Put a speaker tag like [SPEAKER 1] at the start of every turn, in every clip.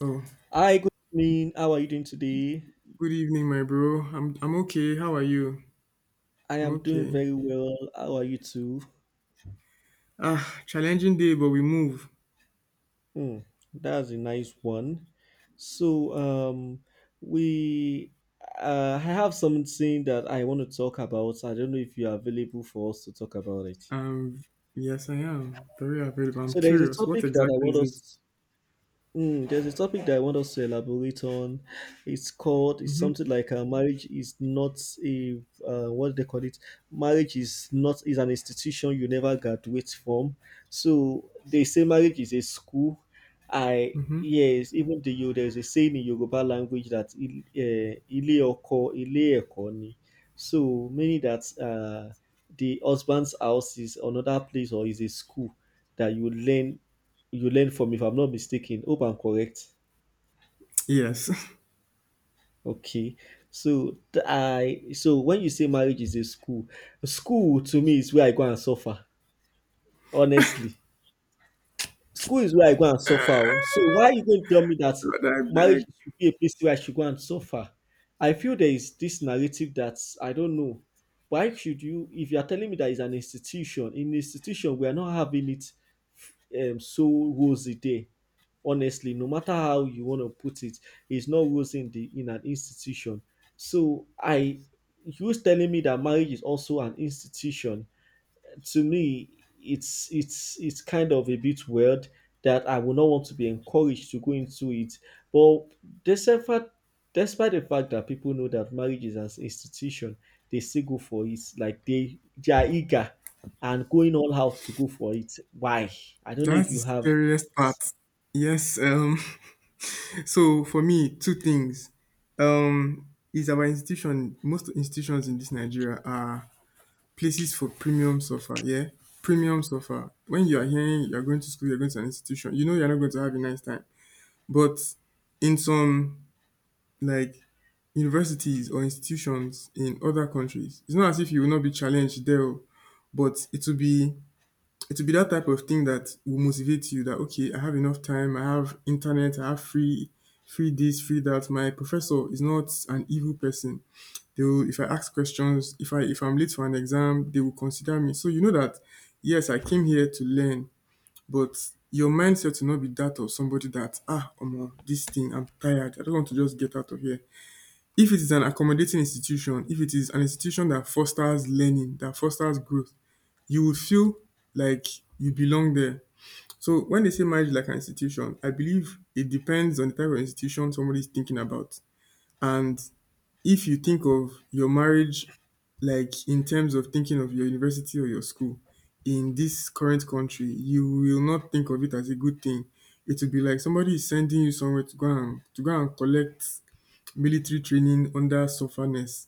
[SPEAKER 1] Oh,
[SPEAKER 2] Hi, good evening. How are you doing today?
[SPEAKER 1] good evening, my bro. I'm okay. How are you?
[SPEAKER 2] I
[SPEAKER 1] I'm
[SPEAKER 2] am doing
[SPEAKER 1] okay.
[SPEAKER 2] very well. How are you too?
[SPEAKER 1] Ah, challenging day, but we move.
[SPEAKER 2] Hmm, that's a nice one. So, um, we, I have something that I want to talk about. I don't know if you are available for us to talk about it.
[SPEAKER 1] Um, yes, I am very available. I'm
[SPEAKER 2] So, there is a
[SPEAKER 1] curious. What
[SPEAKER 2] topic that I
[SPEAKER 1] exactly
[SPEAKER 2] want
[SPEAKER 1] is it?
[SPEAKER 2] us Mm, There's a topic that I want us to elaborate on. It's
[SPEAKER 1] Mm-hmm.
[SPEAKER 2] something like marriage is not a, what do they call it? Marriage is not, is an institution you never graduate from. So they say marriage is a school.
[SPEAKER 1] Mm-hmm.
[SPEAKER 2] Yes, there's a saying in Yoruba language that ile oko, ile eko ni. So meaning that the husband's house is another place or is a school that you learn from, if I'm not mistaken. Hope I'm correct.
[SPEAKER 1] Yes.
[SPEAKER 2] Okay. So th- I so when you say marriage is a school, school to me is where I go and suffer. Honestly. School is where I go and suffer oh. So why are you going to tell me that
[SPEAKER 1] Lord, I
[SPEAKER 2] marriage
[SPEAKER 1] beg.
[SPEAKER 2] should be a place where I should go and suffer? I feel there is this narrative that I don't know. Why should you, if you are telling me that it's an institution, in institution we are not having it so rosy there. Honestly, no matter how you want to put it, it's not rosy in the in an institution. So I, you telling me that marriage is also an institution, to me it's kind of a bit weird that I would not want to be encouraged to go into it. But despite despite the fact that people know that marriage is an institution, they still go for it. Like they are eager and going all out to go for it. Why? I don't know
[SPEAKER 1] That's
[SPEAKER 2] if
[SPEAKER 1] the
[SPEAKER 2] you have
[SPEAKER 1] scariest part. Yes. So for me, two things. Um, is our institution. Most institutions in this Nigeria are places for premium offer, yeah, premium offer. When you are hearing you're going to school, you're going to an institution, you know you're not going to have a nice time. But in some, like, universities or institutions in other countries, it's not as if you will not be challenged there, oh, but it will be that type of thing that will motivate you, that okay, I have enough time, I have internet, I have free this, free that. My professor is not an evil person. They will, if I ask questions, if I if I'm late for an exam, they will consider me. So you know that yes, I came here to learn, but your mindset will not be that of somebody that, ah, omo, this thing, I'm tired. I don't want to just get out of here. If it is an accommodating institution, if it is an institution that fosters learning, that fosters growth, you will feel like you belong there. So when they say marriage like an institution, I believe it depends on the type of institution somebody is thinking about. And if you think of your marriage like in terms of thinking of your university or your school in this current country, you will not think of it as a good thing. It will be like somebody is sending you somewhere to go and collect military training under sufferness.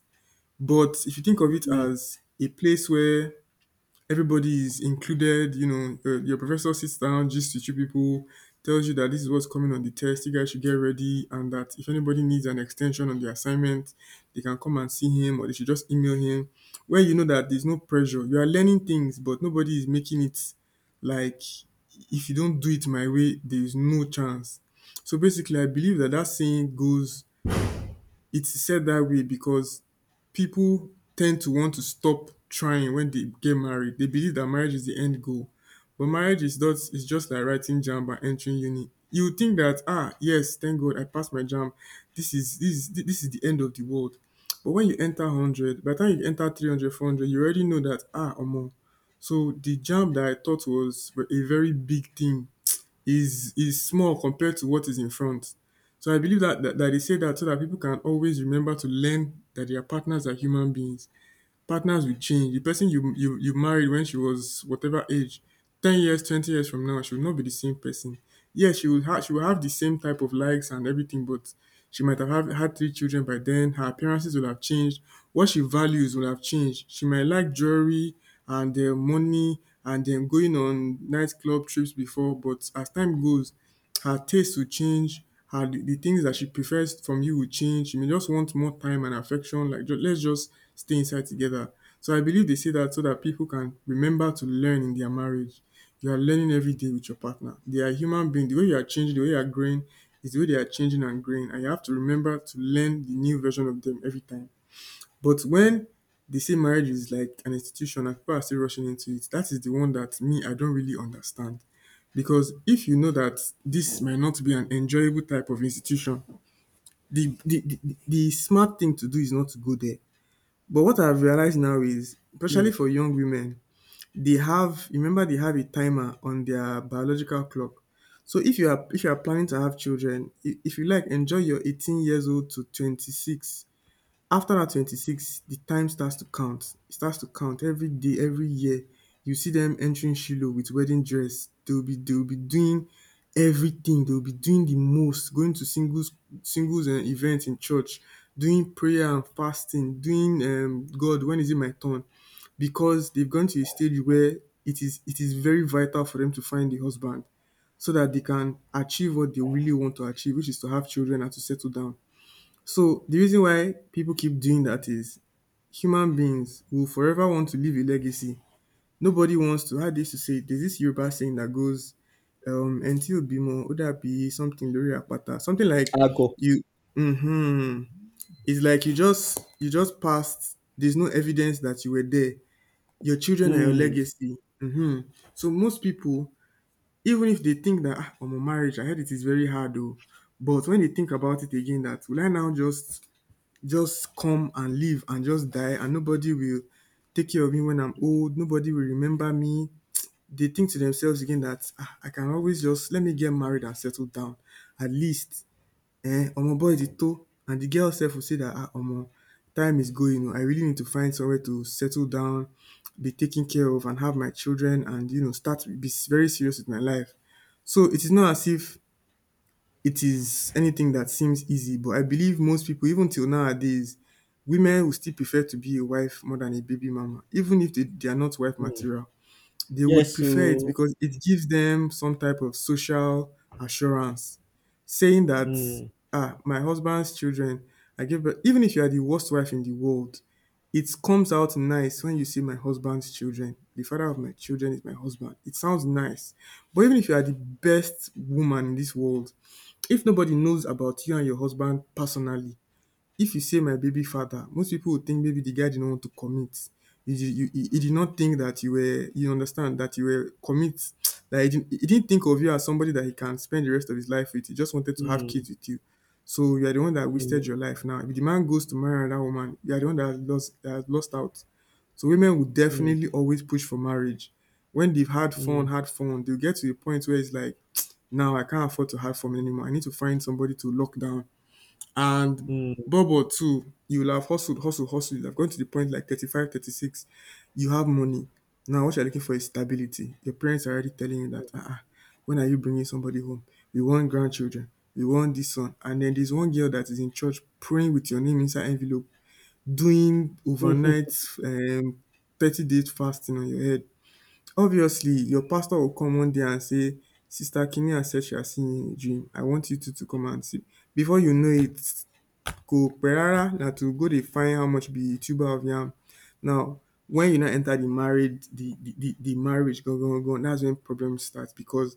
[SPEAKER 1] But if you think of it
[SPEAKER 2] mm,
[SPEAKER 1] as a place where everybody is included. You know, your professor sits down, gists with you people, tells you that this is what's coming on the test. You guys should get ready, and that if anybody needs an extension on the assignment, they can come and see him, or they should just email him. Where you know that there's no pressure, you are learning things, but nobody is making it like if you don't do it my way, there is no chance. So basically, I believe that that saying goes, it's said that way because people tend to want to stop trying when they get married. They believe that marriage is the end goal. But marriage is not, is just like writing jam and entering uni. You would think that ah, yes, thank God I passed my jam. This is the end of the world. But when you enter 100, by the time you enter 300, 400, you already know that ah, omo. So the jam that I thought was a very big thing is small compared to what is in front. So I believe that they say that so that people can always remember to learn that their partners are human beings. Partners will change. The person you married when she was whatever age, 10 years, 20 years from now, she will not be the same person. Yes, she would have the same type of likes and everything, but she might have had three children by then. Her appearances will have changed. What she values will have changed. She might like jewelry and money and going on nightclub trips before, but as time goes, her taste will change. The things that she prefers from you will change. She may just want more time and affection. Like, let's just stay inside together. So I believe they say that so that people can remember to learn in their marriage. You are learning every day with your partner. They are human beings. The way you are changing, the way you are growing is the way they are changing and growing. And you have to remember to learn the new version of them every time. But when they say marriage is like an institution and people are still rushing into it, that is the one that me, I don't really understand. Because if you know that this might not be an enjoyable type of institution, the smart thing to do is not to go there. But what I've realized now is,
[SPEAKER 2] mm,
[SPEAKER 1] especially for young women, they have remember, they have a timer on their biological clock. So if you are planning to have children, if you like, enjoy your 18 years old to 26. After that 26, the time starts to count. It starts to count every day, every year. You see them entering Shiloh with wedding dress. They will be doing everything. They will be doing the most, going to singles and events in church, doing prayer and fasting, doing God, when is it my turn? Because they've gone to a stage where it is very vital for them to find a husband so that they can achieve what they really want to achieve, which is to have children and to settle down. So the reason why people keep doing that is human beings will forever want to leave a legacy. Nobody wants to, how they used to say it, there's this Yoruba saying that goes, until Bimo, Odabi, something, Lori Apata, something like
[SPEAKER 2] I go.
[SPEAKER 1] you. Mm-hmm. It's like you just passed. There's no evidence that you were there. Your children are your
[SPEAKER 2] Mm,
[SPEAKER 1] legacy. Mm-hmm. So most people, even if they think that, ah, I'm a marriage, I heard it is very hard though. But when they think about it again, that will I now just come and live and just die, and nobody will take care of me when I'm old. Nobody will remember me. They think to themselves again that ah, I can always just let me get married and settle down. At least, eh, omo boy the toe. And the girl self will say that ah, omo, time is going. Oh, I really need to find somewhere to settle down, be taken care of, and have my children, and you know, start be very serious with my life. So it is not as if it is anything that seems easy, but I believe most people, even till nowadays, women will still prefer to be a wife more than a baby mama, even if they are not wife
[SPEAKER 2] mm.
[SPEAKER 1] material. They would
[SPEAKER 2] Yes,
[SPEAKER 1] prefer it
[SPEAKER 2] so
[SPEAKER 1] because it gives them some type of social assurance, saying that,
[SPEAKER 2] mm,
[SPEAKER 1] ah, my husband's children, I give birth. Even if you are the worst wife in the world, it comes out nice when you say my husband's children. The father of my children is my husband. It sounds nice. But even if you are the best woman in this world, if nobody knows about you and your husband personally, if you say my baby father, most people would think maybe the guy didn't want to commit. He did not think that you were, you understand, that you were commit. That he didn't think of you as somebody that he can spend the rest of his life with. He just wanted to have
[SPEAKER 2] mm,
[SPEAKER 1] kids with you. So you are the one that
[SPEAKER 2] mm,
[SPEAKER 1] wasted your life now. If the man goes to marry another woman, you are the one that has lost out. So women will
[SPEAKER 2] mm,
[SPEAKER 1] definitely always push for marriage. When they've
[SPEAKER 2] mm,
[SPEAKER 1] had fun, they'll get to a point where it's like, now I can't afford to hide from it anymore. I need to find somebody to lock down. And Bobo too, you'll have hustled, hustled, hustled. You'll have gone to the point like 35, 36. You have money. Now what you're looking for is stability. Your parents are already telling you that, uh-uh, when are you bringing somebody home? We want grandchildren. We want this one. And then there's one girl that is in church praying with your name inside envelope, doing
[SPEAKER 2] mm.
[SPEAKER 1] overnight um, 30 days fasting on your head. Obviously, your pastor will come one day and say, Sister Kinian said she has seen you in a dream. I want you two to come and see. Before you know it, go perara na to go dey find how much be tuber of yam. Now, when you now enter the married, the marriage, go go go. That's when problems start because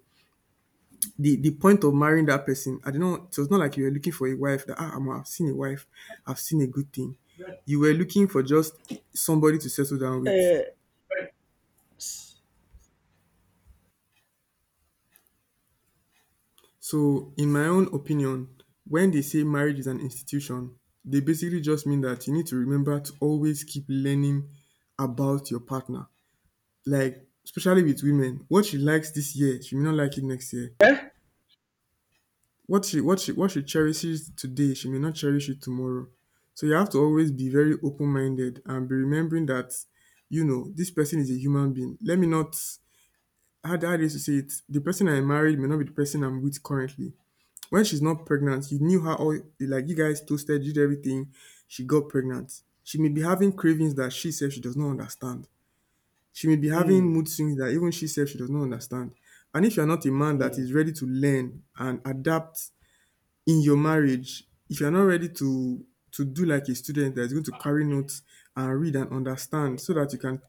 [SPEAKER 1] the point of marrying that person, I don't know. It was not like you were looking for a wife. That ah, I've seen a wife. I've seen a good thing. You were looking for just somebody to settle down with.
[SPEAKER 2] Eh,
[SPEAKER 1] So, in my own opinion, when they say marriage is an institution, they basically just mean that you need to remember to always keep learning about your partner. Like, especially with women, what she likes this year, she may not like it next year.
[SPEAKER 2] eh?
[SPEAKER 1] What she cherishes today, she may not cherish it tomorrow. So you have to always be very open minded and be remembering that this person is a human being. Let me not How do I used to say it, the person I married may not be the person I'm with currently. When she's not pregnant, you knew her all like you guys toasted, you did everything. She got pregnant. She may be having cravings that she says she does not understand. She may be having
[SPEAKER 2] Mm,
[SPEAKER 1] mood swings that even she says she does not understand. And if you're not a man that
[SPEAKER 2] mm.
[SPEAKER 1] is ready to learn and adapt in your marriage, if you're not ready to do like a student that is going to carry notes and read and understand so that you can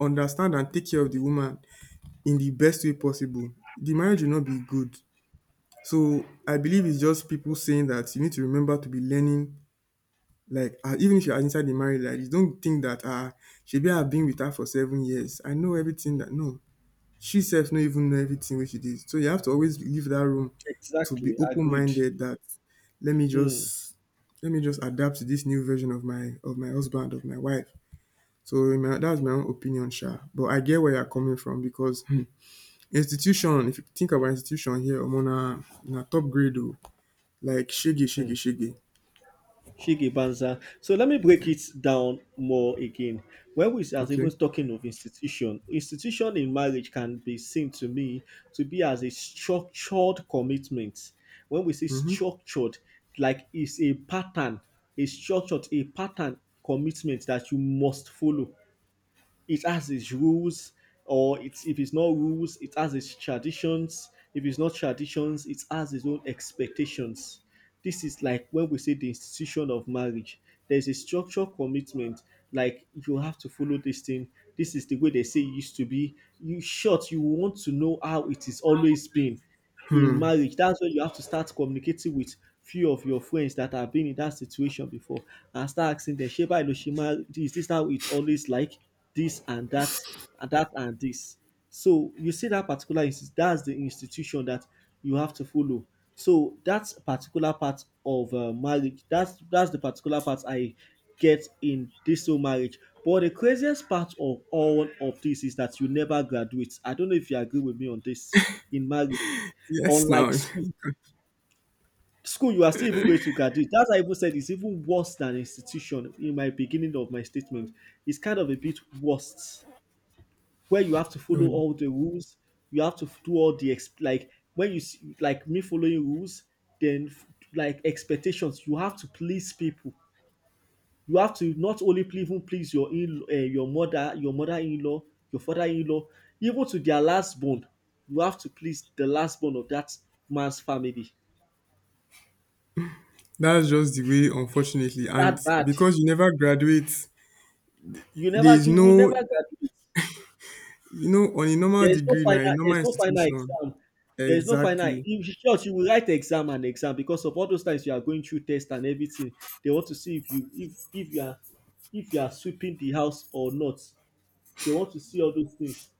[SPEAKER 1] understand and take care of the woman in the best way possible, the marriage will not be good. So I believe it's just people saying that you need to remember to be learning. Like even if you are inside the married life, you don't think that shebi I've been with her for 7 years. I know everything that no, she self no even know everything which she did. So you have to always leave that room to be
[SPEAKER 2] Exactly,
[SPEAKER 1] open
[SPEAKER 2] agreed.
[SPEAKER 1] minded. That let me
[SPEAKER 2] Mm-hmm.
[SPEAKER 1] just let me just adapt to this new version of my husband of my wife. That's my own opinion, sha. But I get where you're coming from because institution. If you think about institution here, I'm on a top grade. Oh. Like shiggy, shiggy, shiggy.
[SPEAKER 2] Shiki Banza. So let me break it down more again. When we are
[SPEAKER 1] Okay.
[SPEAKER 2] even talking of institution, institution in marriage can be seen to me to be as a structured commitment. When we say
[SPEAKER 1] Mm-hmm.
[SPEAKER 2] structured, like it's a pattern, a structured, a pattern commitment that you must follow. It has its rules, or it's if it's not rules it has its traditions, if it's not traditions it has its own expectations. This is like when we say the institution of marriage, there's a structural commitment, like you have to follow this thing. This is the way they say it used to be. You short, you want to know how it is always been
[SPEAKER 1] Hmm.
[SPEAKER 2] in marriage, that's when you have to start communicating with few of your friends that have been in that situation before, and start asking them ṣé báyìí ló ṣe máa, is this how it's always like, this and that and that and this. So you see that that's the institution that you have to follow. So that's particular part of marriage. That's the particular part I get in this whole marriage. But the craziest part of all of this is that you never graduate. I don't know if you agree with me on this in marriage.
[SPEAKER 1] Yes.
[SPEAKER 2] Unlike
[SPEAKER 1] Now,
[SPEAKER 2] school, school you are still even going to graduate. That's why I even said it's even worse than institution in my beginning of my statement. It's kind of a bit worse, where you have to follow
[SPEAKER 1] Uh,
[SPEAKER 2] all the rules. You have to do all the like when you see, like me following rules, then f- like expectations. You have to please people. You have to not only ple- even please your in your mother, your mother-in-law, your father-in-law, even to their last born. You have to please the last born of that man's family.
[SPEAKER 1] that's just the way, unfortunately.
[SPEAKER 2] It's
[SPEAKER 1] And
[SPEAKER 2] that bad.
[SPEAKER 1] because you never graduate, there is
[SPEAKER 2] You will
[SPEAKER 1] no,
[SPEAKER 2] never graduate.
[SPEAKER 1] you know, on a normal
[SPEAKER 2] There is no
[SPEAKER 1] degree now,
[SPEAKER 2] final
[SPEAKER 1] a
[SPEAKER 2] there
[SPEAKER 1] normal
[SPEAKER 2] is no final
[SPEAKER 1] institution.
[SPEAKER 2] exam. There is no final,
[SPEAKER 1] Exactly.
[SPEAKER 2] in short, you will write exam and exam because of all those times you are going through test and everything. They want to see if you, if you are, if you are sweeping the house or not. They want to see all those things.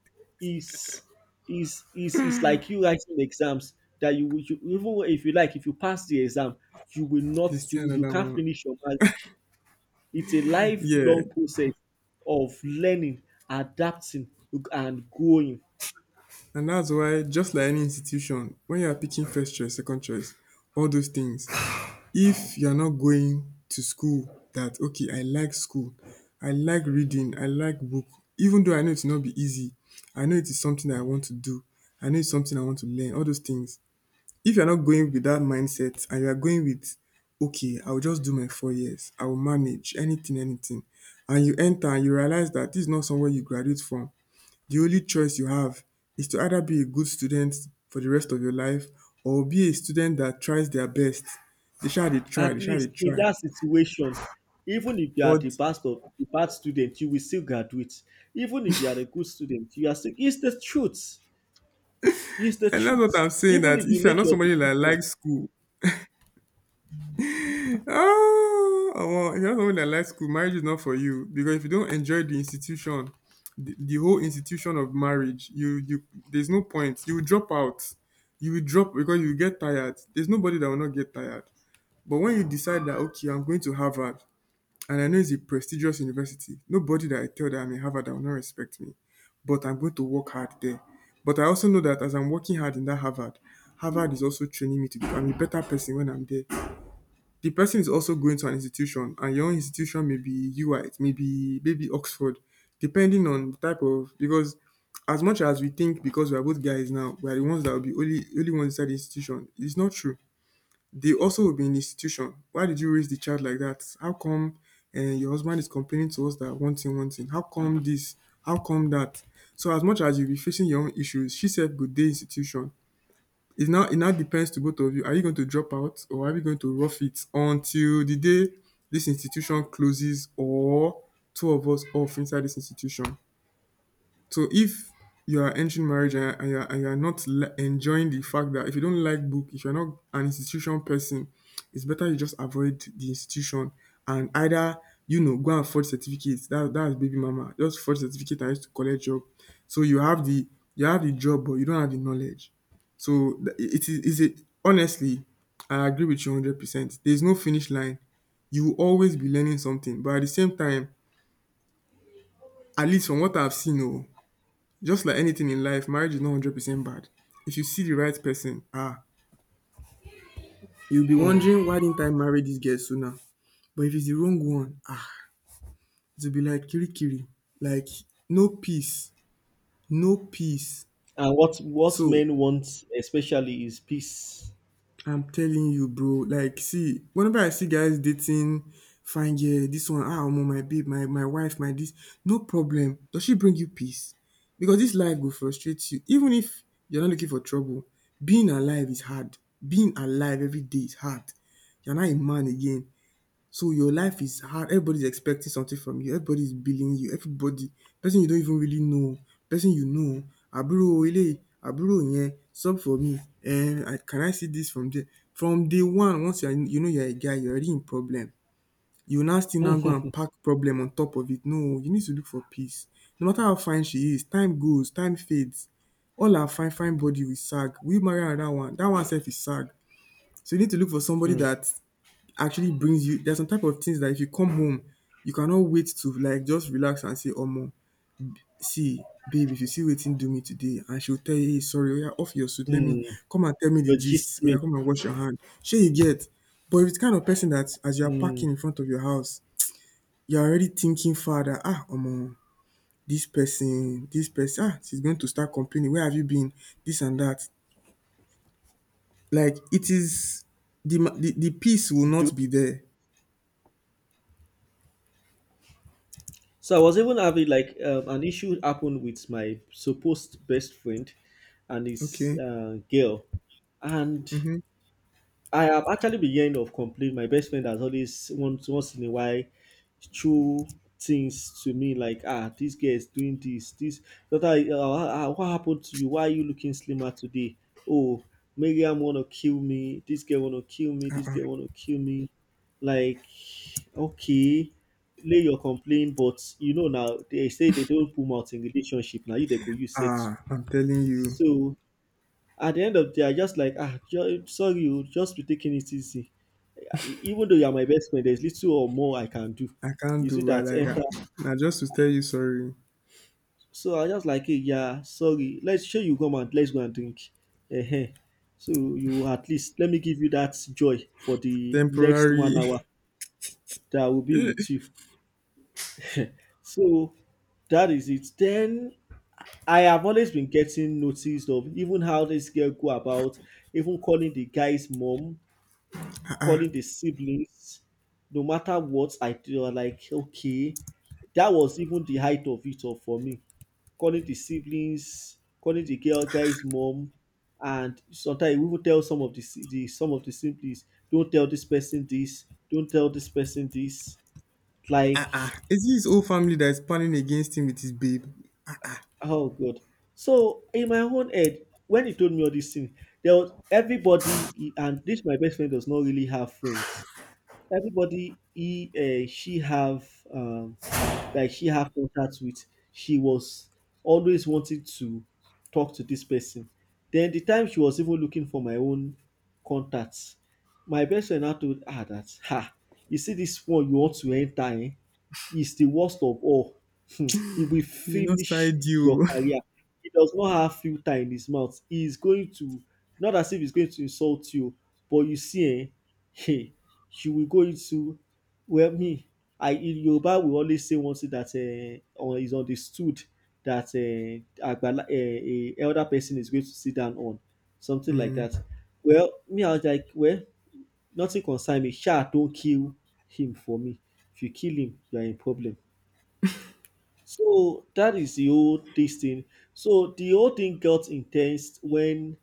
[SPEAKER 2] Is is is like you writing exams that even if you like, if you pass the exam you will not,
[SPEAKER 1] There's still
[SPEAKER 2] you
[SPEAKER 1] another
[SPEAKER 2] can't
[SPEAKER 1] one.
[SPEAKER 2] finish your marriage. It's a
[SPEAKER 1] Yeah.
[SPEAKER 2] lifelong process of learning, adapting, and growing.
[SPEAKER 1] And that's why, just like any institution, when you are picking first choice, second choice, all those things, if you're not going to school that, okay, I like school, I like reading, I like book, even though I know it's not be easy, I know it is something that I want to do, I know it's something I want to learn, all those things, if you're not going with that mindset and you're going with, okay, I'll just do my 4 years, I'll manage anything, and you enter and you realize that this is not somewhere you graduate from, the only choice you have is to either be a good student for the rest of your life or be a student that tries their best. They sha they try, they
[SPEAKER 2] At
[SPEAKER 1] sha dey
[SPEAKER 2] least in
[SPEAKER 1] try.
[SPEAKER 2] that situation, even if you are
[SPEAKER 1] Or
[SPEAKER 2] the best of the bad student, you will still graduate. Even if you are a good student, you are still, it's the truth. It's the
[SPEAKER 1] and that's what
[SPEAKER 2] truth.
[SPEAKER 1] I'm saying
[SPEAKER 2] Even
[SPEAKER 1] that
[SPEAKER 2] if you
[SPEAKER 1] if you're
[SPEAKER 2] make
[SPEAKER 1] not
[SPEAKER 2] your
[SPEAKER 1] somebody that
[SPEAKER 2] decision,
[SPEAKER 1] likes school, omo, if you're not somebody that likes school, marriage is not for you because if you don't enjoy the institution, the whole institution of marriage, you there's no point. You will drop out. You will drop because you will get tired. There's nobody that will not get tired. But when you decide that, okay, I'm going to Harvard. And I know it's a prestigious university. Nobody that I tell that I'm in Harvard that will not respect me. But I'm going to work hard there. But I also know that as I'm working hard in that Harvard, Harvard is also training me to become a better person when I'm there. The person is also going to an institution, and your own institution may be UIT, maybe Oxford, depending on the type of because as much as we think because we are both guys now, we are the ones that will be only one inside the institution. It's not true. They also will be in the institution. Why did you raise the child like that? How come your husband is complaining to us that one thing, one thing? How come this? How come that? So as much as you'll be facing your own issues, she said good day institution. It now depends to both of you. Are you going to drop out or are you going to rough it until the day this institution closes or two of us off inside this institution? So if you are entering marriage and you are not enjoying the fact that if you don't like book, if you're not an institution person, it's better you just avoid the institution and either go and forge certificates. That that's baby mama. Just forge certificate and use to collect job. So you have the job, but you don't have the knowledge. So th- it is it honestly, I agree with you 100%. There's no finish line. You will always be learning something, but at the same time, at least from what I've seen, oh, just like anything in life, marriage is not 100% bad. If you see the right person, you'll be wondering why didn't I marry this girl sooner? But if it's the wrong one, it'll be like kirikiri, like no peace, no peace.
[SPEAKER 2] and what
[SPEAKER 1] So
[SPEAKER 2] men want especially is peace.
[SPEAKER 1] I'm telling you bro, like see whenever I see guys dating fine girl, dis one omo my babe, my wife, my dis, no problem. Does she bring you peace? Because dis life go frustrate you even if you're not looking for trouble. Being alive is hard. Being alive everyday is hard. You're not a man again. So your life is hard. Everybody's expecting something from you. Everybody's billing you. Everybody, person you don't even really know, person you know, àbúrò eléyìí, àbúrò yẹn, sub for me, I see this from there? From day one, once you're a guy, you're already in problem. You now still now go and pack problem on top of it. No, you need to look for peace. No matter how fine she is, time goes, time fades. All her fine, fine body will sag. Will you marry another one? That one self is sag. So you need to look for somebody
[SPEAKER 2] Mm.
[SPEAKER 1] that actually brings you there's some type of things that if you come home, you cannot wait to like just relax and say, "Oh, Omo, see, babe, if you see waiting, do me today," and she'll tell you, "Hey, sorry, oya, off your suit, let me
[SPEAKER 2] Mm.
[SPEAKER 1] come and tell me the
[SPEAKER 2] Your gist
[SPEAKER 1] gist, oya,
[SPEAKER 2] me.
[SPEAKER 1] come and wash your hand." Sure you get. But if it's kind of person that as you are
[SPEAKER 2] Mm.
[SPEAKER 1] parking in front of your house, you're already thinking further, oh, Omo, this person, she's going to start complaining. Where have you been? This and that. Like it is the peace will
[SPEAKER 2] Do
[SPEAKER 1] not be there.
[SPEAKER 2] so I was even having like an issue happened with my supposed best friend and his
[SPEAKER 1] Okay.
[SPEAKER 2] girl, and
[SPEAKER 1] Mm-hmm.
[SPEAKER 2] I have actually been hearing of complaint. My best friend has always, once in a while, threw things to me, like, ah, this girl is doing this, this. Daughter, what happened to you? Why are you looking slimmer today? Oh, Miriam wanna kill me. This girl wanna kill me. This
[SPEAKER 1] Uh-uh.
[SPEAKER 2] girl wanna kill me. Like, okay, lay your complaint, but you know now they say they don't put mouth in relationship. Now you they could use settle.
[SPEAKER 1] Ah, I'm telling you,
[SPEAKER 2] So at the end of the day, I just like, ah, sorry, you just be taking it easy, yeah, even though you are my best friend, there's little or more I can do.
[SPEAKER 1] I can't
[SPEAKER 2] Is
[SPEAKER 1] do
[SPEAKER 2] it
[SPEAKER 1] right
[SPEAKER 2] that
[SPEAKER 1] like that.
[SPEAKER 2] enter?
[SPEAKER 1] Now, just to tell you sorry,
[SPEAKER 2] So I just like, "Hey, yeah, sorry. Let's show you come and let's go and drink. uh So you, at least let me give you that joy for the next
[SPEAKER 1] temporary.
[SPEAKER 2] one hour that I will be with you. So that is it. Then I have always been getting noticed of even how this girl go about, even calling the guy's mom,
[SPEAKER 1] Ah,
[SPEAKER 2] calling the siblings, no matter what I do, I'm like, okay, that was even the height of it all for me. Calling the siblings, calling the girl guy's mom, and sometimes we will tell some of the, the some of the siblings, don't tell this person this, don't tell this person this.
[SPEAKER 1] ah, ah.
[SPEAKER 2] Like,
[SPEAKER 1] Is it his whole family that is planning against him with his babe? Ah, ah.
[SPEAKER 2] oh god. So in my own head, when he told me all these things, there was everybody, and this my best friend does not really have friends. Everybody he she have, um like she have contact with, she was always wanting to talk to this person. Then the time she was even looking for my own contacts, my best friend now told her that, ha, you see this one you want to enter, eh, is the worst of all. Hmm, he will
[SPEAKER 1] He will not
[SPEAKER 2] finish
[SPEAKER 1] side
[SPEAKER 2] your
[SPEAKER 1] you.
[SPEAKER 2] career. He does not have filter in his mouth. He is going to, not as if he's going to insult you, but you see eh hey, you will go into, well, me, I, in Yoruba we always say one thing that or is understood that agbala, a elder person is going to sit down on something like
[SPEAKER 1] mm,
[SPEAKER 2] that. Well, me I was like, well, nothing concern me. Sha, don't kill him for me. If you kill him, you are in problem. So that is the whole this thing. So the whole thing got intense when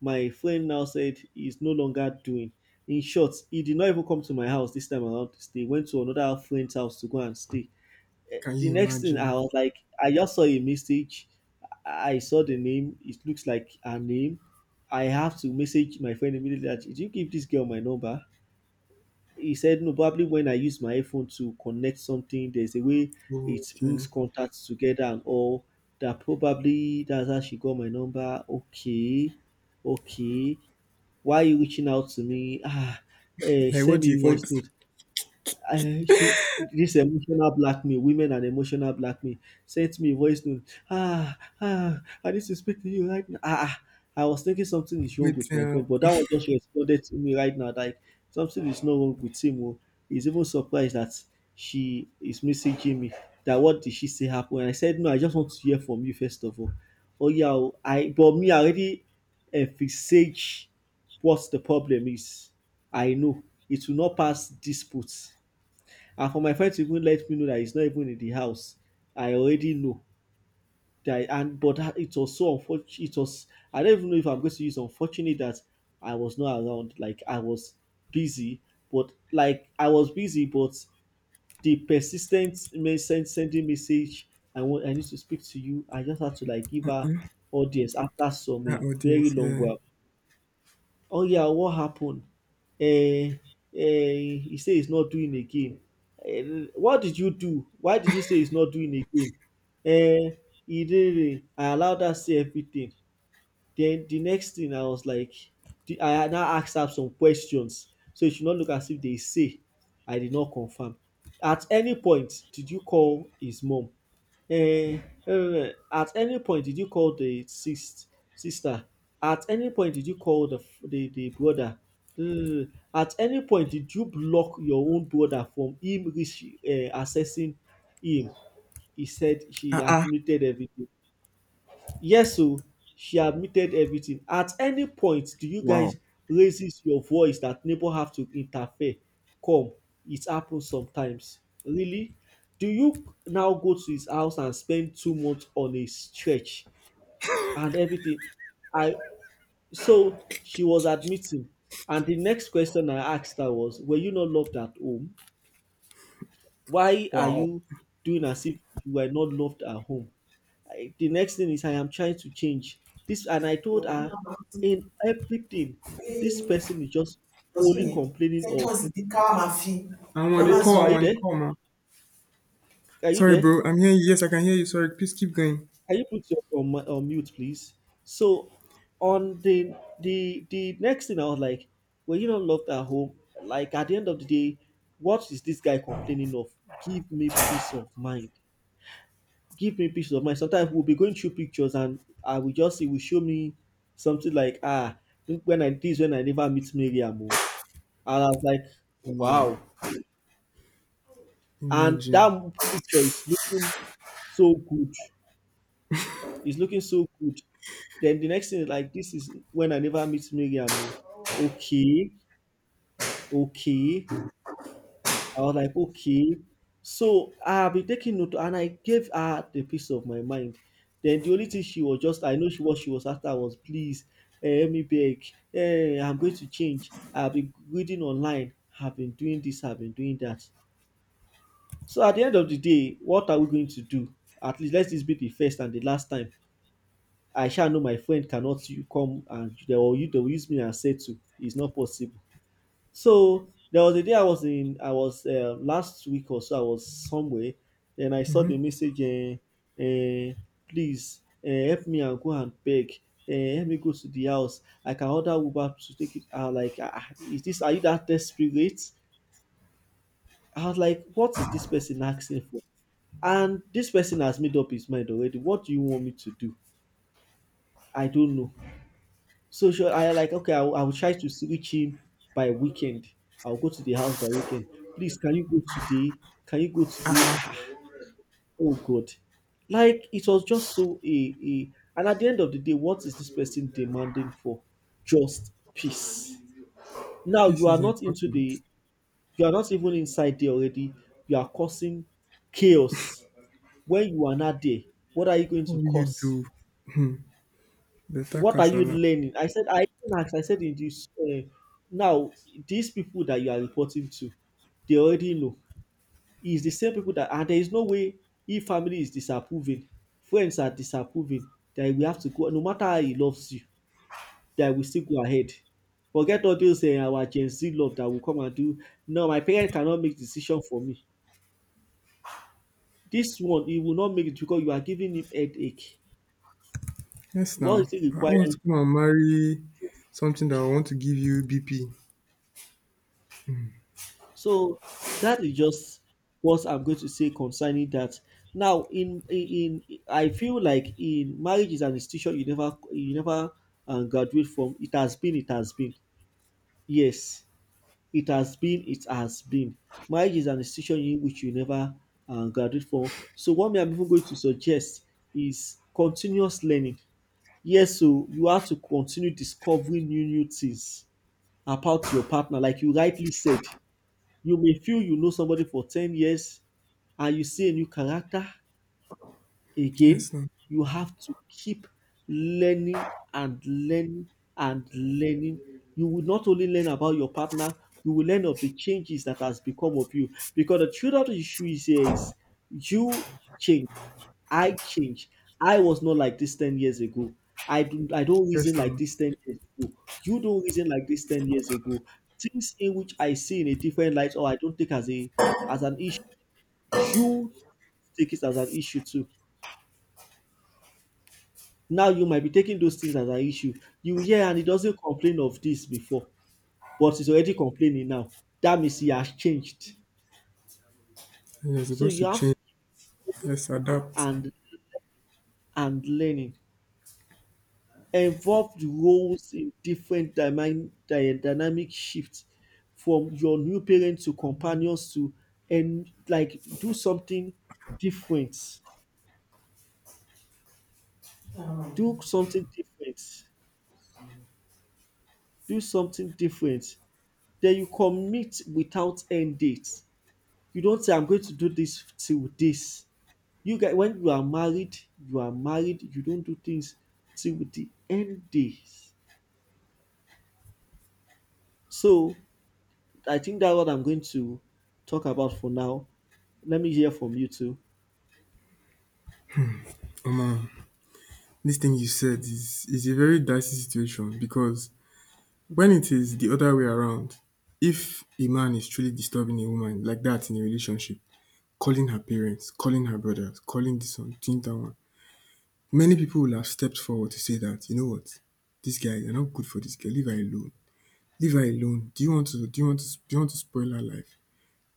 [SPEAKER 2] my friend now said he's no longer doing. In short, he did not even come to my house this time around to stay. Went to another friend's house to go and stay.
[SPEAKER 1] can you
[SPEAKER 2] The next thing I
[SPEAKER 1] imagine?
[SPEAKER 2] was like, I just saw a message. I saw the name. It looks like her name. I have to message my friend immediately, that did you give this girl my number? He said no. Probably when I use my iPhone to connect something, there's a way it brings
[SPEAKER 1] Okay.
[SPEAKER 2] contacts together and all. That probably that's how she got my number. Okay, okay. Why are you reaching out to me? Ah, eh,
[SPEAKER 1] Like, what
[SPEAKER 2] send
[SPEAKER 1] do
[SPEAKER 2] me a
[SPEAKER 1] you
[SPEAKER 2] voice
[SPEAKER 1] want?
[SPEAKER 2] note. I, she, this emotional blackmail, women and emotional blackmail, sent me a voice note. Ah, ah, I need to speak to you right now. Ah, ah, I was thinking something is wrong
[SPEAKER 1] Wait
[SPEAKER 2] with my friend,
[SPEAKER 1] till
[SPEAKER 2] but that one just responded to me right now, like something is not wrong with him. Oh. He's even surprised that she is messaging me. That what did she say happened? And I said, no, I just want to hear from you first of all. Oh yeah, oh, I, but me I already envisage what the problem is. I know it will not pass disputes, and for my friend to even let me know that he's not even in the house, I already know that. And it was so unfortunate. It was, I don't even know if I'm going to use unfortunate, that I was not around. Busy like I was busy, but the persistent message sending message, I need to speak to you. I just had to like give her audience after some
[SPEAKER 1] that
[SPEAKER 2] a very
[SPEAKER 1] audience.
[SPEAKER 2] long
[SPEAKER 1] Yeah.
[SPEAKER 2] while. "Oh yeah, what happened?" Eh, eh. "He say he's not doing again." "What did you do? Why did you say he's not doing again?" Eh, "He didn't. I allowed her to say everything." Then the next thing I was like, the I now asked am some questions, so it should not look as if they say I did not confirm. "At any point did you call his mom? At any point did you call the sister? At any point did you call the f- the brother? At any point did you block your own brother from him reach accessing him?" He said she
[SPEAKER 1] Ah, ah.
[SPEAKER 2] admitted everything. Yes o, she admitted everything. "At any point do you
[SPEAKER 1] Wow.
[SPEAKER 2] guys raises your voice that neighbor have to interfere? Come, it happens sometimes. Really? Do you now go to his house and spend 2 months on a stretch and everything?" I So she was admitting, and the next question I asked her was, "Were you not loved at home? Why are
[SPEAKER 1] Wow.
[SPEAKER 2] you doing as if you were not loved at home?" The next thing is I am trying to change this, and I told
[SPEAKER 1] I'm
[SPEAKER 2] her in everything, this person is just only
[SPEAKER 1] on
[SPEAKER 2] complaining of,
[SPEAKER 1] a call. I'm
[SPEAKER 2] "Hello, are you
[SPEAKER 1] on a
[SPEAKER 2] there?
[SPEAKER 1] call, man.
[SPEAKER 2] Are you
[SPEAKER 1] Sorry,
[SPEAKER 2] there?
[SPEAKER 1] bro. I'm hearing you. Yes, I can hear you. Sorry. Please keep going.
[SPEAKER 2] Can you put your on mute, please?" So on the next thing, I was like, well, you don't love at home. Like at the end of the day, what is this guy complaining of? Give me peace of mind. Sometimes we'll be going through pictures, and I will just see will show me something like look, when I never meet Miriam. oh. And I was like, wow.
[SPEAKER 1] Wow!
[SPEAKER 2] And
[SPEAKER 1] Imagine.
[SPEAKER 2] that picture is looking so good. It's looking so good. Then the next thing is like, this is when I never meet Miriam. oh. Okay, okay. I was like, okay. So I'll be taking note, and I gave her the peace of my mind. Then the only thing she was just, I know she what she was after was, please, help me beg. I'm going to change. I've been reading online. I've been doing this. I've been doing that. So at the end of the day, what are we going to do? At least let this be the first and the last time. I shall know my friend cannot you come, and they will, you, they will use me as say to. It's not possible. So there was a day I was in, I was last week or so, I was somewhere, and I saw the message, uh, please, help me and go and beg, help me go to the house. I can order Uber to take it. I was like, are you that desperate? I was like, what is this person asking for? And this person has made up his mind already. What do you want me to do? I don't know. So sure, I like okay. I will try to see reach him by weekend. I'll go to the house by weekend. Please, can you go today? Can you go today? Oh God, like it was just so a. And at the end of the day, what is this person demanding for? Just peace. Now
[SPEAKER 1] Peace
[SPEAKER 2] you are
[SPEAKER 1] is
[SPEAKER 2] not into
[SPEAKER 1] important.
[SPEAKER 2] the. You are not even inside there already. You are causing chaos when you are not there. What are you going
[SPEAKER 1] How
[SPEAKER 2] to
[SPEAKER 1] will you
[SPEAKER 2] cause?
[SPEAKER 1] do? Better
[SPEAKER 2] What are you
[SPEAKER 1] casala.
[SPEAKER 2] learning? I said, I even asked, I said, in this, now, these people that you are reporting to, they already know. It's the same people that, and there is no way if family is disapproving, friends are disapproving, that we have to go, no matter how he loves you, that we still go ahead. Forget all those our Gen Z love that will come and do. No, my parent cannot make decision for me. This one, he will not make it because you are giving him headache.
[SPEAKER 1] Yes,
[SPEAKER 2] What
[SPEAKER 1] now.
[SPEAKER 2] is it
[SPEAKER 1] I want
[SPEAKER 2] requiring?
[SPEAKER 1] to come and marry something that I want to give you BP.
[SPEAKER 2] So that is just what I'm going to say concerning that. Now, I feel like in marriage is an institution you never graduate from. It has been, it has been. Yes, it has been, it has been. Marriage is an institution in which you never graduate from. So what me I'm even going to suggest is continuous learning. Yes, so you have to continue discovering new things about your partner, like you rightly said. You may feel you know somebody for 10 years and you see a new character again.
[SPEAKER 1] Yes, now.
[SPEAKER 2] You have to keep learning and learning and learning. You will not only learn about your partner, you will learn of the changes that has become of you. Because the truth of the issue is here is you change. I change. I was not like this 10 years ago. I don't
[SPEAKER 1] Yes,
[SPEAKER 2] reason
[SPEAKER 1] now.
[SPEAKER 2] like this 10 years ago. You don't reason like this 10 years ago. Things in which I see in a different light or I don't take as a as an issue. You take it as an issue too. Now you might be taking those things as an issue. You yeah, and he doesn't complain of this before, but he's already complaining now. That means he has changed.
[SPEAKER 1] And you're
[SPEAKER 2] So
[SPEAKER 1] supposed to
[SPEAKER 2] you have to
[SPEAKER 1] change. Yes, adapt.
[SPEAKER 2] and and learning. Involved roles in different dynamic shifts from your new parents to companions to and like do something different, do something different, do something different. Then you commit without end date. You don't say I'm going to do this till this. You get when you are married, you are married, you don't do things till the end days. So I think that's what I'm going to talk about for now. Let me hear from you too.
[SPEAKER 1] Oh, man. This thing you said is a very dicey situation because when it is the other way around, if a man is truly disturbing a woman like that in a relationship, calling her parents, calling her brothers, calling this one, doing that one, many people will have stepped forward to say that, you know what, this guy, you're not good for this girl. Leave her alone. Leave her alone. Do you want to? Do you want to? Do you want to spoil her life?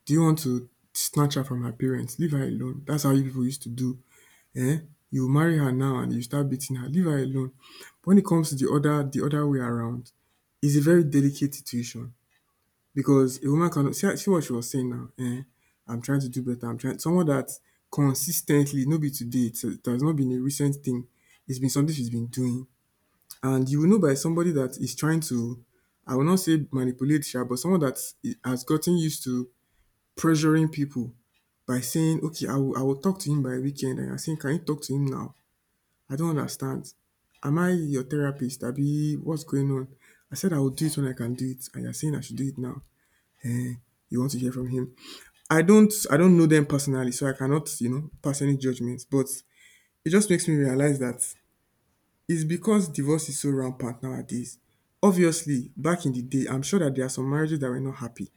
[SPEAKER 1] Do you want to snatch her from her parents? Leave her alone. That's how you people used to do. Eh? You marry her now and you start beating her. Leave her alone. When it comes to the other way around, it's a very delicate situation. Because a woman cannot see what she was saying now, I'm trying to do better, I'm trying someone that consistently, ten no be today it has not been a recent thing. It's been something she's been doing, and you will know by somebody that is trying to I will not say manipulate sha, but someone that has gotten used to pressuring people by saying, okay, I will talk to him by weekend, and you are saying, can you talk to him now? I don't understand. Am I your therapist abi what's going on? I said I will do it when I can do it, and you are saying I should do it now. You want to hear from him. I don't know them personally, so I cannot, pass any judgments. But it just makes me realize that it's because divorce is so rampant nowadays. Obviously, back in the day, I'm sure that there are some marriages that were not happy.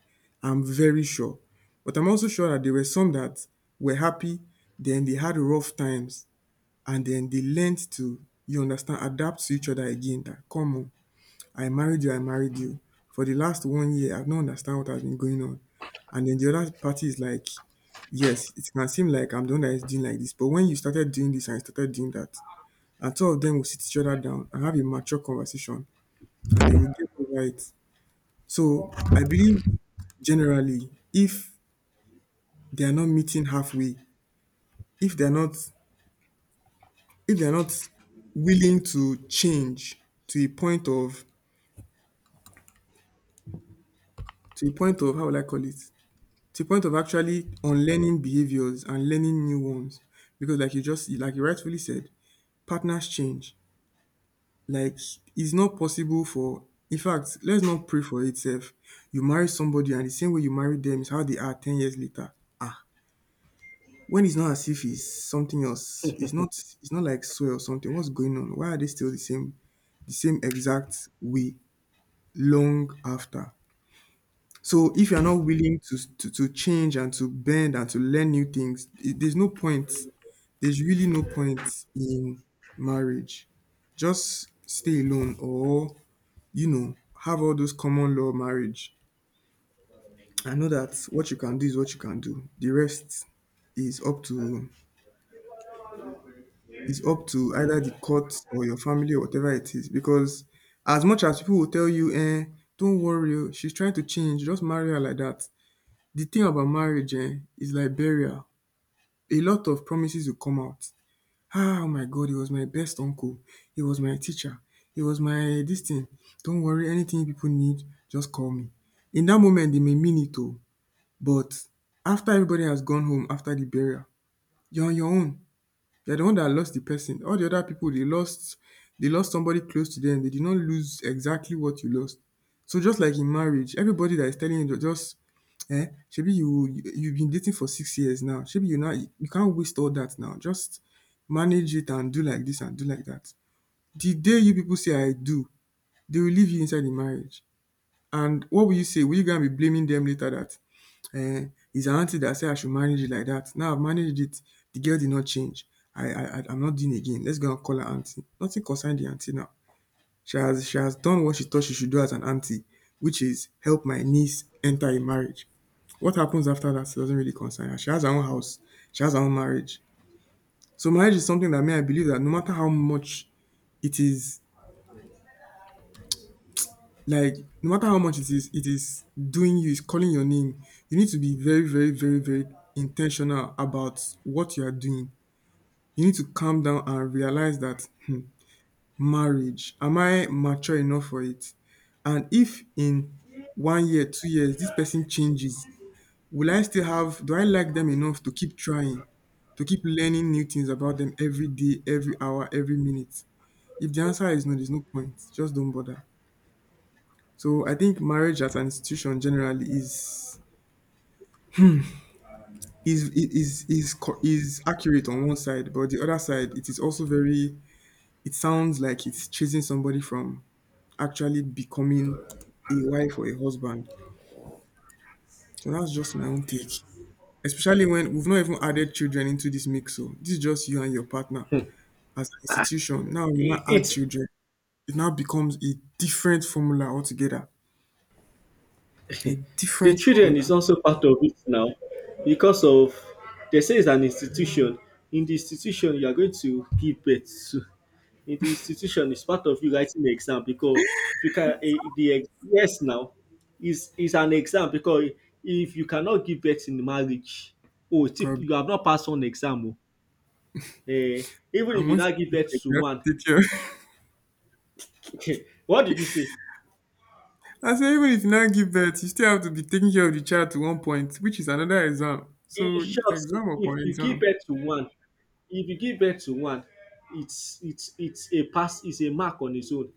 [SPEAKER 1] I'm very sure. But I'm also sure that there were some that were happy, then they had rough times, and then they learned to, you understand, adapt to each other again. That, come on, I married you, I married you. For the last one year, I've not understand what has been going on. And then the other party is like, yes, it can seem like I'm the one that is doing like this, but when you started doing this and you started doing that, and two of them will sit each other down and have a mature conversation, and they will get over it. Right. So I believe generally, if they are not meeting halfway, if they're not if they're not willing to change to a point of to a point of how will I call it? To the point of actually unlearning behaviors and learning new ones. Because like you just like you rightfully said, partners change. Like it's not possible for in fact, let's not pray for itself. You marry somebody and the same way you married them is how they are 10 years later. Ah. When it's not as if it's something else, it's not like swear or something. What's going on? Why are they still the same exact way long after? So if you're not willing to, to change and to bend and to learn new things, there's no point. There's really no point in marriage. Just stay alone or, have all those common law marriage. I know that what you can do is what you can do. The rest is up to either the court or your family or whatever it is. Because as much as people will tell you, eh, don't worry, oh, she's trying to change, just marry her like that. The thing about marriage eh, is like burial. A lot of promises will come out. Ah, oh my God, he was my best uncle. He was my teacher. He was my this thing. Don't worry, anything you people need, just call me. In that moment, they may mean it too. But after everybody has gone home after the burial, you're on your own. They're the one that lost the person. All the other people they lost somebody close to them. They did not lose exactly what you lost. So just like in marriage, everybody that is telling you, just eh, shebi you've been dating for 6 years now. Shebi you now you can't waste all that now. Just manage it and do like this and do like that. The day you people say I do, they will leave you inside the marriage. And what will you say? Will you gonna be blaming them later that it's an auntie that said I should manage it like that? Now I've managed it. The girl did not change. I'm not doing again. Let's go and call her auntie. Nothing concerned the auntie now. She has done what she thought she should do as an auntie, which is help my niece enter a marriage. What happens after that doesn't really concern her. She has her own house. She has her own marriage. So marriage is something that may I believe that no matter how much it is, like, no matter how much it is doing you, it's calling your name. You need to be very, very, very, very intentional about what you are doing. You need to calm down and realize that, hmm, marriage, am I mature enough for it? And if in one year, 2 years, this person changes, will I still have, do I like them enough to keep trying, to keep learning new things about them every day, every hour, every minute? If the answer is no, there's no point. Just don't bother. So I think marriage as an institution generally is accurate on one side, but the other side it is also very. It sounds like it's chasing somebody from actually becoming a wife or a husband. So that's just my own take. Especially when we've not even added children into this mix. So this is just you and your partner as an institution. Now you now
[SPEAKER 2] it,
[SPEAKER 1] add
[SPEAKER 2] it
[SPEAKER 1] children. It now becomes a different formula altogether. A
[SPEAKER 2] The
[SPEAKER 1] different
[SPEAKER 2] children is
[SPEAKER 1] formula,
[SPEAKER 2] also part of it now because of they say it's an institution. In the institution you are going to give birth to, in the institution it's part of you writing the exam, because if you can yes now is an exam, because if you cannot give birth in marriage, oh tip,
[SPEAKER 1] probably.
[SPEAKER 2] you have not passed one exam oh. eh Even if
[SPEAKER 1] And
[SPEAKER 2] you
[SPEAKER 1] once
[SPEAKER 2] now give
[SPEAKER 1] you get
[SPEAKER 2] birth
[SPEAKER 1] pregnant,
[SPEAKER 2] to
[SPEAKER 1] you have
[SPEAKER 2] one,
[SPEAKER 1] to take care.
[SPEAKER 2] what did you say?
[SPEAKER 1] I say even if you now give birth, you still have to be taking care of the child to one point, which is another exam.
[SPEAKER 2] In
[SPEAKER 1] So
[SPEAKER 2] short,
[SPEAKER 1] exam
[SPEAKER 2] if
[SPEAKER 1] upon
[SPEAKER 2] you give
[SPEAKER 1] exam.
[SPEAKER 2] birth to one, if you give birth to one, it's it's a pass, it's a mark on its own.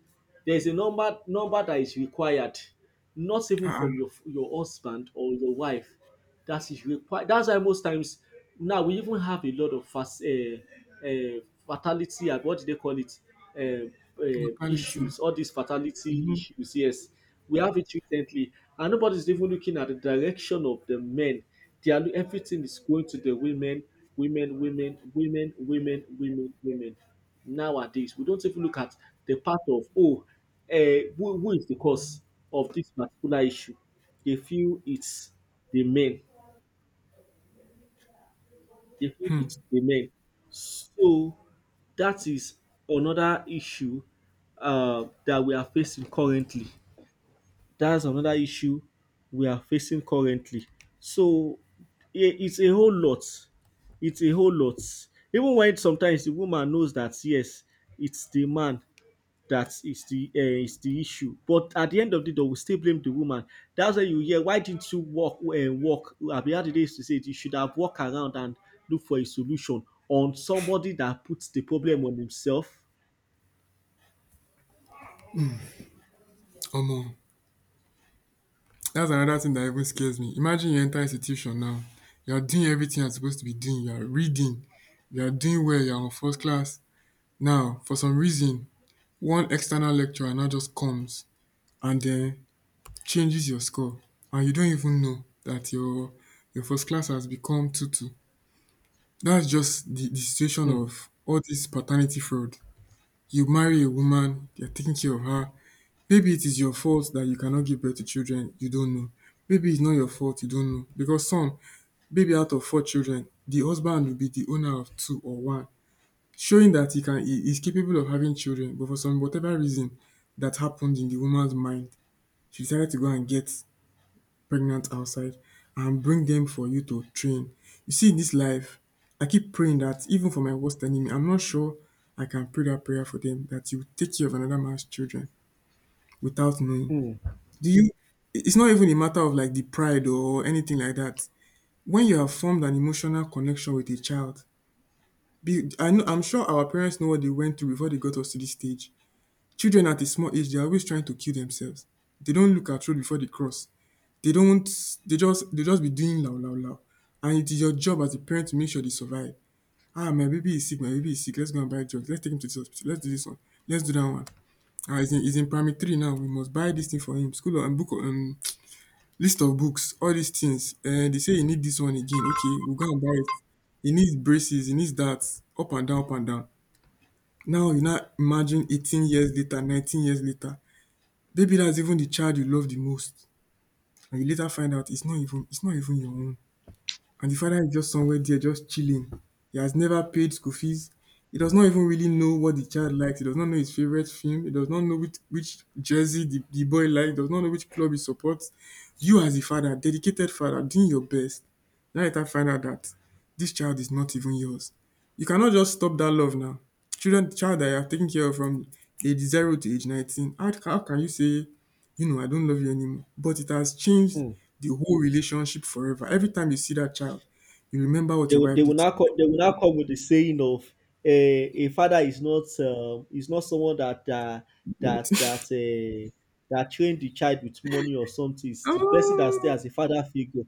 [SPEAKER 2] There's a number that is required, not even
[SPEAKER 1] Ah,
[SPEAKER 2] from
[SPEAKER 1] ah,
[SPEAKER 2] your husband or your wife. That is required. That's why most times now we even have a lot of fast fatality. And what do they call it? Uh,
[SPEAKER 1] mortality.
[SPEAKER 2] Issues. All these fatality
[SPEAKER 1] Mm-hmm.
[SPEAKER 2] issues. Yes, we have it recently, and nobody's even looking at the direction of the men. They are everything is going to the women, women, women, women, women, women, women. Nowadays, we don't even look at the part of uh, who is the cause of this particular issue. They feel it's the men. They food is the men. So that is another issue that we are facing currently. That's another issue we are facing currently. So I- it's a whole lot. It's a whole lot. Even when sometimes the woman knows that, yes, it's the man that is the issue. But at the end of the day, we still blame the woman. That's why you hear, why didn't you walk? Abi how did they used to say it? You should have walked around and look for a solution on somebody that puts the problem on himself.
[SPEAKER 1] Omo, that's another thing that even scares me. Imagine you enter institution now. You're doing everything you're supposed to be doing. You're reading. You're doing well. You're on first class. Now, for some reason, one external lecturer now just comes and then changes your score. And you don't even know that your first class has become 2-2. That's just the situation of all this paternity fraud. You marry a woman, they're taking care of her. Maybe it is your fault that you cannot give birth to children, you don't know. Maybe it's not your fault, you don't know. Because some, maybe out of four children, the husband will be the owner of two or one, showing that he can, he is capable of having children, but for some whatever reason that happened in the woman's mind, she decided to go and get pregnant outside and bring them for you to train. You see, in this life, I keep praying that even for my worst enemy, I'm not sure I can pray that prayer for them that you take care of another man's children without knowing. Do you? It's not even a matter of like the pride or anything like that. When you have formed an emotional connection with a child, be, I know, I'm sure our parents know what they went through before they got us to this stage. Children at a small age, they're always trying to kill themselves. They don't look at road before they cross. They don't they just be doing lau lau lau, and it is your job as a parent to make sure they survive. "Ah, my baby is sick, my baby is sick, let's go and buy drugs, let's take him to this hospital, let's do this one, let's do that one. Ah, he's in primary three now, we must buy this thing for him, school and book, list of books, all these things. They say he need this one again, okay, we'll go and buy it. He needs braces, he needs that," up and down, up and down. Now you now imagine 18 years later, 19 years later, maybe that's even the child you love the most, and you later find out it's not even your own, and the father is just somewhere there just chilling. He has never paid school fees. He does not even really know what the child likes. He does not know his favorite film. He does not know which jersey the boy likes. He does not know which club he supports. You, as a father, dedicated father, doing your best, now later find out that this child is not even yours. You cannot just stop that love now. Children, child that you are taking care of from age zero to age 19, how, can you say, I don't love you anymore. But it has changed
[SPEAKER 2] Mm.
[SPEAKER 1] the whole relationship forever. Every time you see that child, you remember what your wife did to
[SPEAKER 2] They will now come with the saying of a father is not someone
[SPEAKER 1] you.
[SPEAKER 2] that that uh, that trained the child with money or something. It's the person that stay
[SPEAKER 1] Um,
[SPEAKER 2] as a father figure.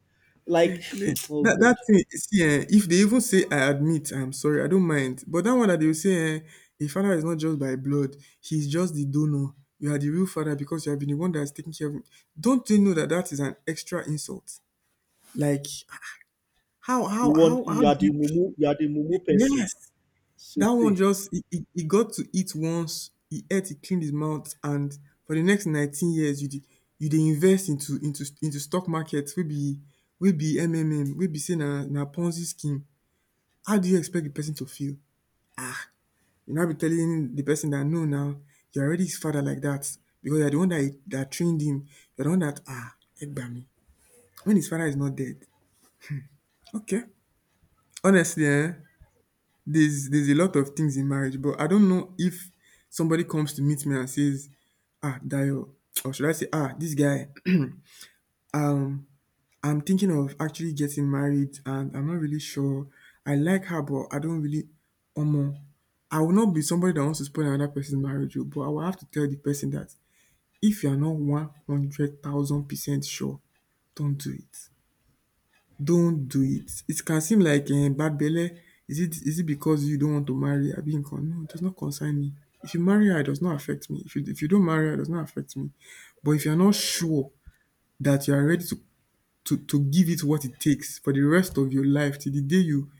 [SPEAKER 2] Like,
[SPEAKER 1] they-
[SPEAKER 2] oh
[SPEAKER 1] that
[SPEAKER 2] God.
[SPEAKER 1] thing, see, eh, if they even say, "I admit, I'm sorry, I don't mind," but that one that they will say, eh, "A father is not just by blood; he's just the donor. You are the real father because you have been the one that is taking care of him." Don't they know that that is an extra insult? Like, how, how,
[SPEAKER 2] You
[SPEAKER 1] how,
[SPEAKER 2] want,
[SPEAKER 1] how
[SPEAKER 2] you
[SPEAKER 1] do
[SPEAKER 2] are
[SPEAKER 1] you?
[SPEAKER 2] the mumu person.
[SPEAKER 1] Yes,
[SPEAKER 2] So
[SPEAKER 1] that one
[SPEAKER 2] say.
[SPEAKER 1] just he got to eat once, he ate, he cleaned his mouth, and for the next 19 years you dey invest into stock market wey be MMM, wey be sey na Ponzi scheme. How do you expect the person to feel? um You now be telling the person dat no now, you're already his father like that because you are the one dat trained him, you're the one dat, Egbami, when his father is not dead. Okay. Honestly, there's a lot of things in marriage, but I don't know if somebody comes to meet me and says, "Ah, Dayo," or should I say, "Ah, this guy." um, I'm thinking of actually getting married, and I'm not really sure. I like her, but I don't really. Omo, I will not be somebody that wants to spoil another person's marriage, oh, but I will have to tell the person that if you are not 100,000% sure, don't do it don't do it. It can seem like, bad belle. Is it because you don't want to marry? I mean, con- no, it does not concern me. If you marry her, it does not affect me. If you don't marry her, it does not affect me. But if you're not sure that you are ready to give it what it takes for the rest of your life till the day you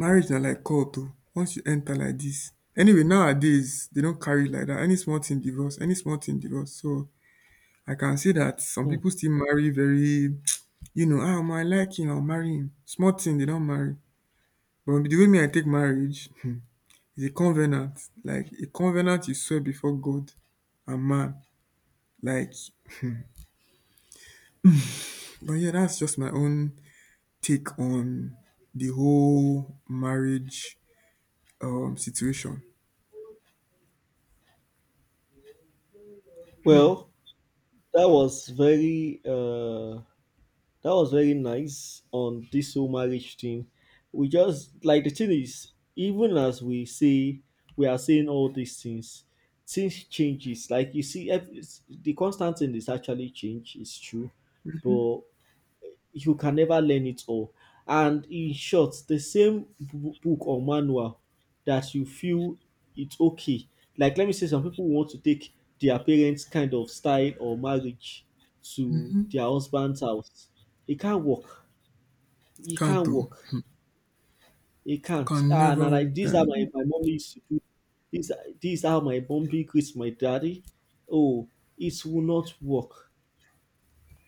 [SPEAKER 1] marriage na like cult o. Once you enter like this. Anyway, nowadays they don't carry like that. Any small thing divorce, any small thing divorce. So I can see that some
[SPEAKER 2] Hmm.
[SPEAKER 1] people still marry very, ah, I like him, I'll marry him. Small thing they don't marry. But the way me I take marriage, is a covenant. Like a covenant you swear before God and man. Like but yeah, that's just my own take on the whole marriage situation.
[SPEAKER 2] Well, that was very uh, that was very nice on this whole marriage thing. We just like the thing is, even as we say, we are saying all these things, things changes. Like you see, the constant thing is actually change. It's true, but you can never learn it all. And in short, the same book or manual that you feel it's okay. Like, let me say, some people want to take their parents' kind of style or marriage to their husband's house. It can't work. It
[SPEAKER 1] Can't
[SPEAKER 2] can't
[SPEAKER 1] though.
[SPEAKER 2] work. It can't.
[SPEAKER 1] Can
[SPEAKER 2] Ah, and I
[SPEAKER 1] never
[SPEAKER 2] like
[SPEAKER 1] work
[SPEAKER 2] this is
[SPEAKER 1] that
[SPEAKER 2] how my mom used to do this. This is how my mom greets my daddy. Oh, it will not work.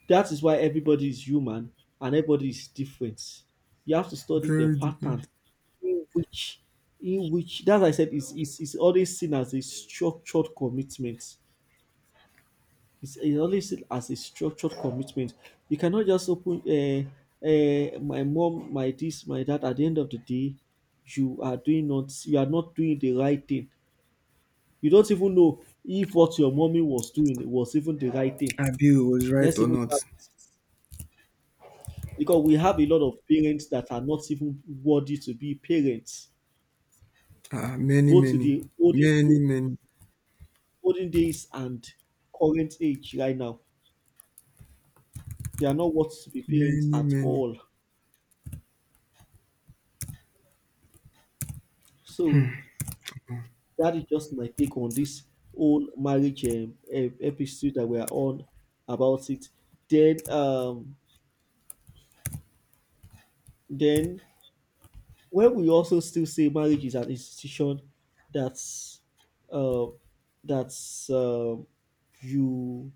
[SPEAKER 2] That is why everybody is human and everybody is different. You have to study the
[SPEAKER 1] very different.
[SPEAKER 2] pattern in which, in which, that I said, is always seen as a structured commitment. It's always seen as a structured commitment. You cannot just open my mom, my this, my that. At the end of the day, you are doing not, you are not doing the right thing. You don't even know if what your mommy was doing was even the right thing.
[SPEAKER 1] Abiu was right
[SPEAKER 2] Let's
[SPEAKER 1] or
[SPEAKER 2] even start
[SPEAKER 1] not.
[SPEAKER 2] because we have a lot of parents that are not even worthy to be parents,
[SPEAKER 1] Ah, many,
[SPEAKER 2] both to
[SPEAKER 1] many,
[SPEAKER 2] the
[SPEAKER 1] many, many,
[SPEAKER 2] olden days and current age right now. They are not worthy to be parents
[SPEAKER 1] many,
[SPEAKER 2] at
[SPEAKER 1] many.
[SPEAKER 2] all. So that is just my take on this whole marriage episode that we are on about it. Then, um, then, where we also still say marriage is an institution that's uh, that's you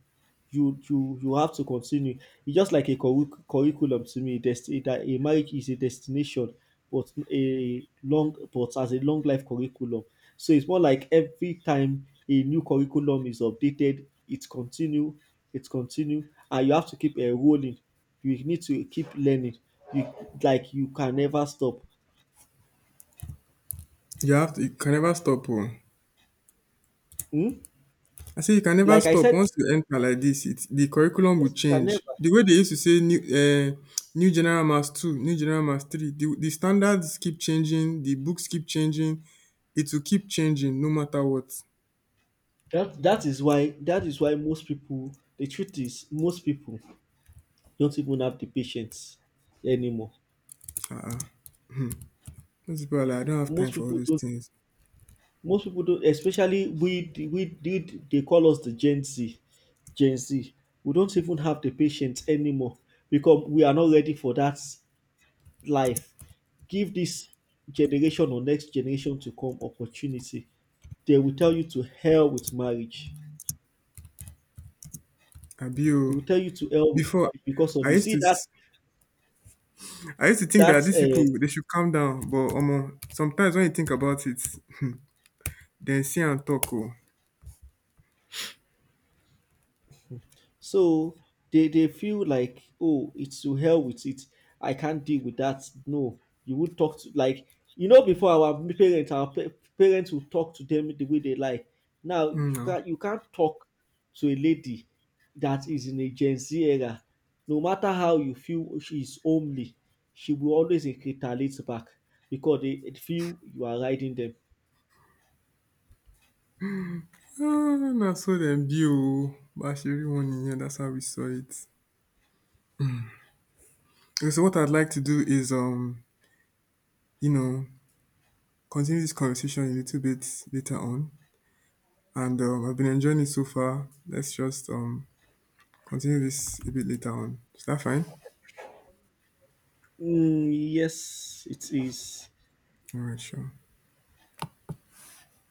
[SPEAKER 2] have to continue. It's just like a curriculum to me. That a marriage is a destination, but a long but as a long life curriculum. So it's more like every time a new curriculum is updated, it continue, and you have to keep enrolling. You need to keep learning. You, like, you can never stop.
[SPEAKER 1] You have to you can never stop. Oh.
[SPEAKER 2] Hmm?
[SPEAKER 1] I say you can never
[SPEAKER 2] Like I
[SPEAKER 1] stop
[SPEAKER 2] said,
[SPEAKER 1] once you enter like this. It, the curriculum will
[SPEAKER 2] yes, you can
[SPEAKER 1] change.
[SPEAKER 2] never.
[SPEAKER 1] The way they used to say new general mass two, new general mass three. The standards keep changing. The books keep changing. It will keep changing no matter what.
[SPEAKER 2] That is why most people. The truth is, most people don't even have the patience anymore.
[SPEAKER 1] Uh-uh. Most people are like, I don't have time
[SPEAKER 2] Most
[SPEAKER 1] for all
[SPEAKER 2] people
[SPEAKER 1] those
[SPEAKER 2] don't.
[SPEAKER 1] things.
[SPEAKER 2] Most people don't. Especially we did. They call us the Gen Z. Gen Z. We don't even have the patience anymore because we are not ready for that life. Give this generation or next generation to come opportunity. They will tell you to hell with marriage.
[SPEAKER 1] Abi o.
[SPEAKER 2] They will tell you to hell with
[SPEAKER 1] Before
[SPEAKER 2] marriage because of
[SPEAKER 1] I
[SPEAKER 2] you.
[SPEAKER 1] used
[SPEAKER 2] See
[SPEAKER 1] to
[SPEAKER 2] that
[SPEAKER 1] s- I used to think that
[SPEAKER 2] that's
[SPEAKER 1] these people they should calm down, but sometimes when you think about it, then see and talk. Oh,
[SPEAKER 2] so they feel like, oh, it's to hell with it. I can't deal with that. No, you would talk to like before our parents our pa- parents would talk to them the way they like. Now you
[SPEAKER 1] mm, no.
[SPEAKER 2] can't you can't talk to a lady that is in a Gen Z era. No matter how you feel she is homely, she will always retaliate back because they feel you are riding them.
[SPEAKER 1] Ah, na so dem be oo. Bá ṣe rí wọn nìyẹn, that's how we saw it. Okay, so what I'd like to do is, you know, continue this conversation a little bit later on. And I've been enjoying it so far. Let's just, continue this a bit later on. Is that fine?
[SPEAKER 2] Mm, yes, it is.
[SPEAKER 1] All right, sure.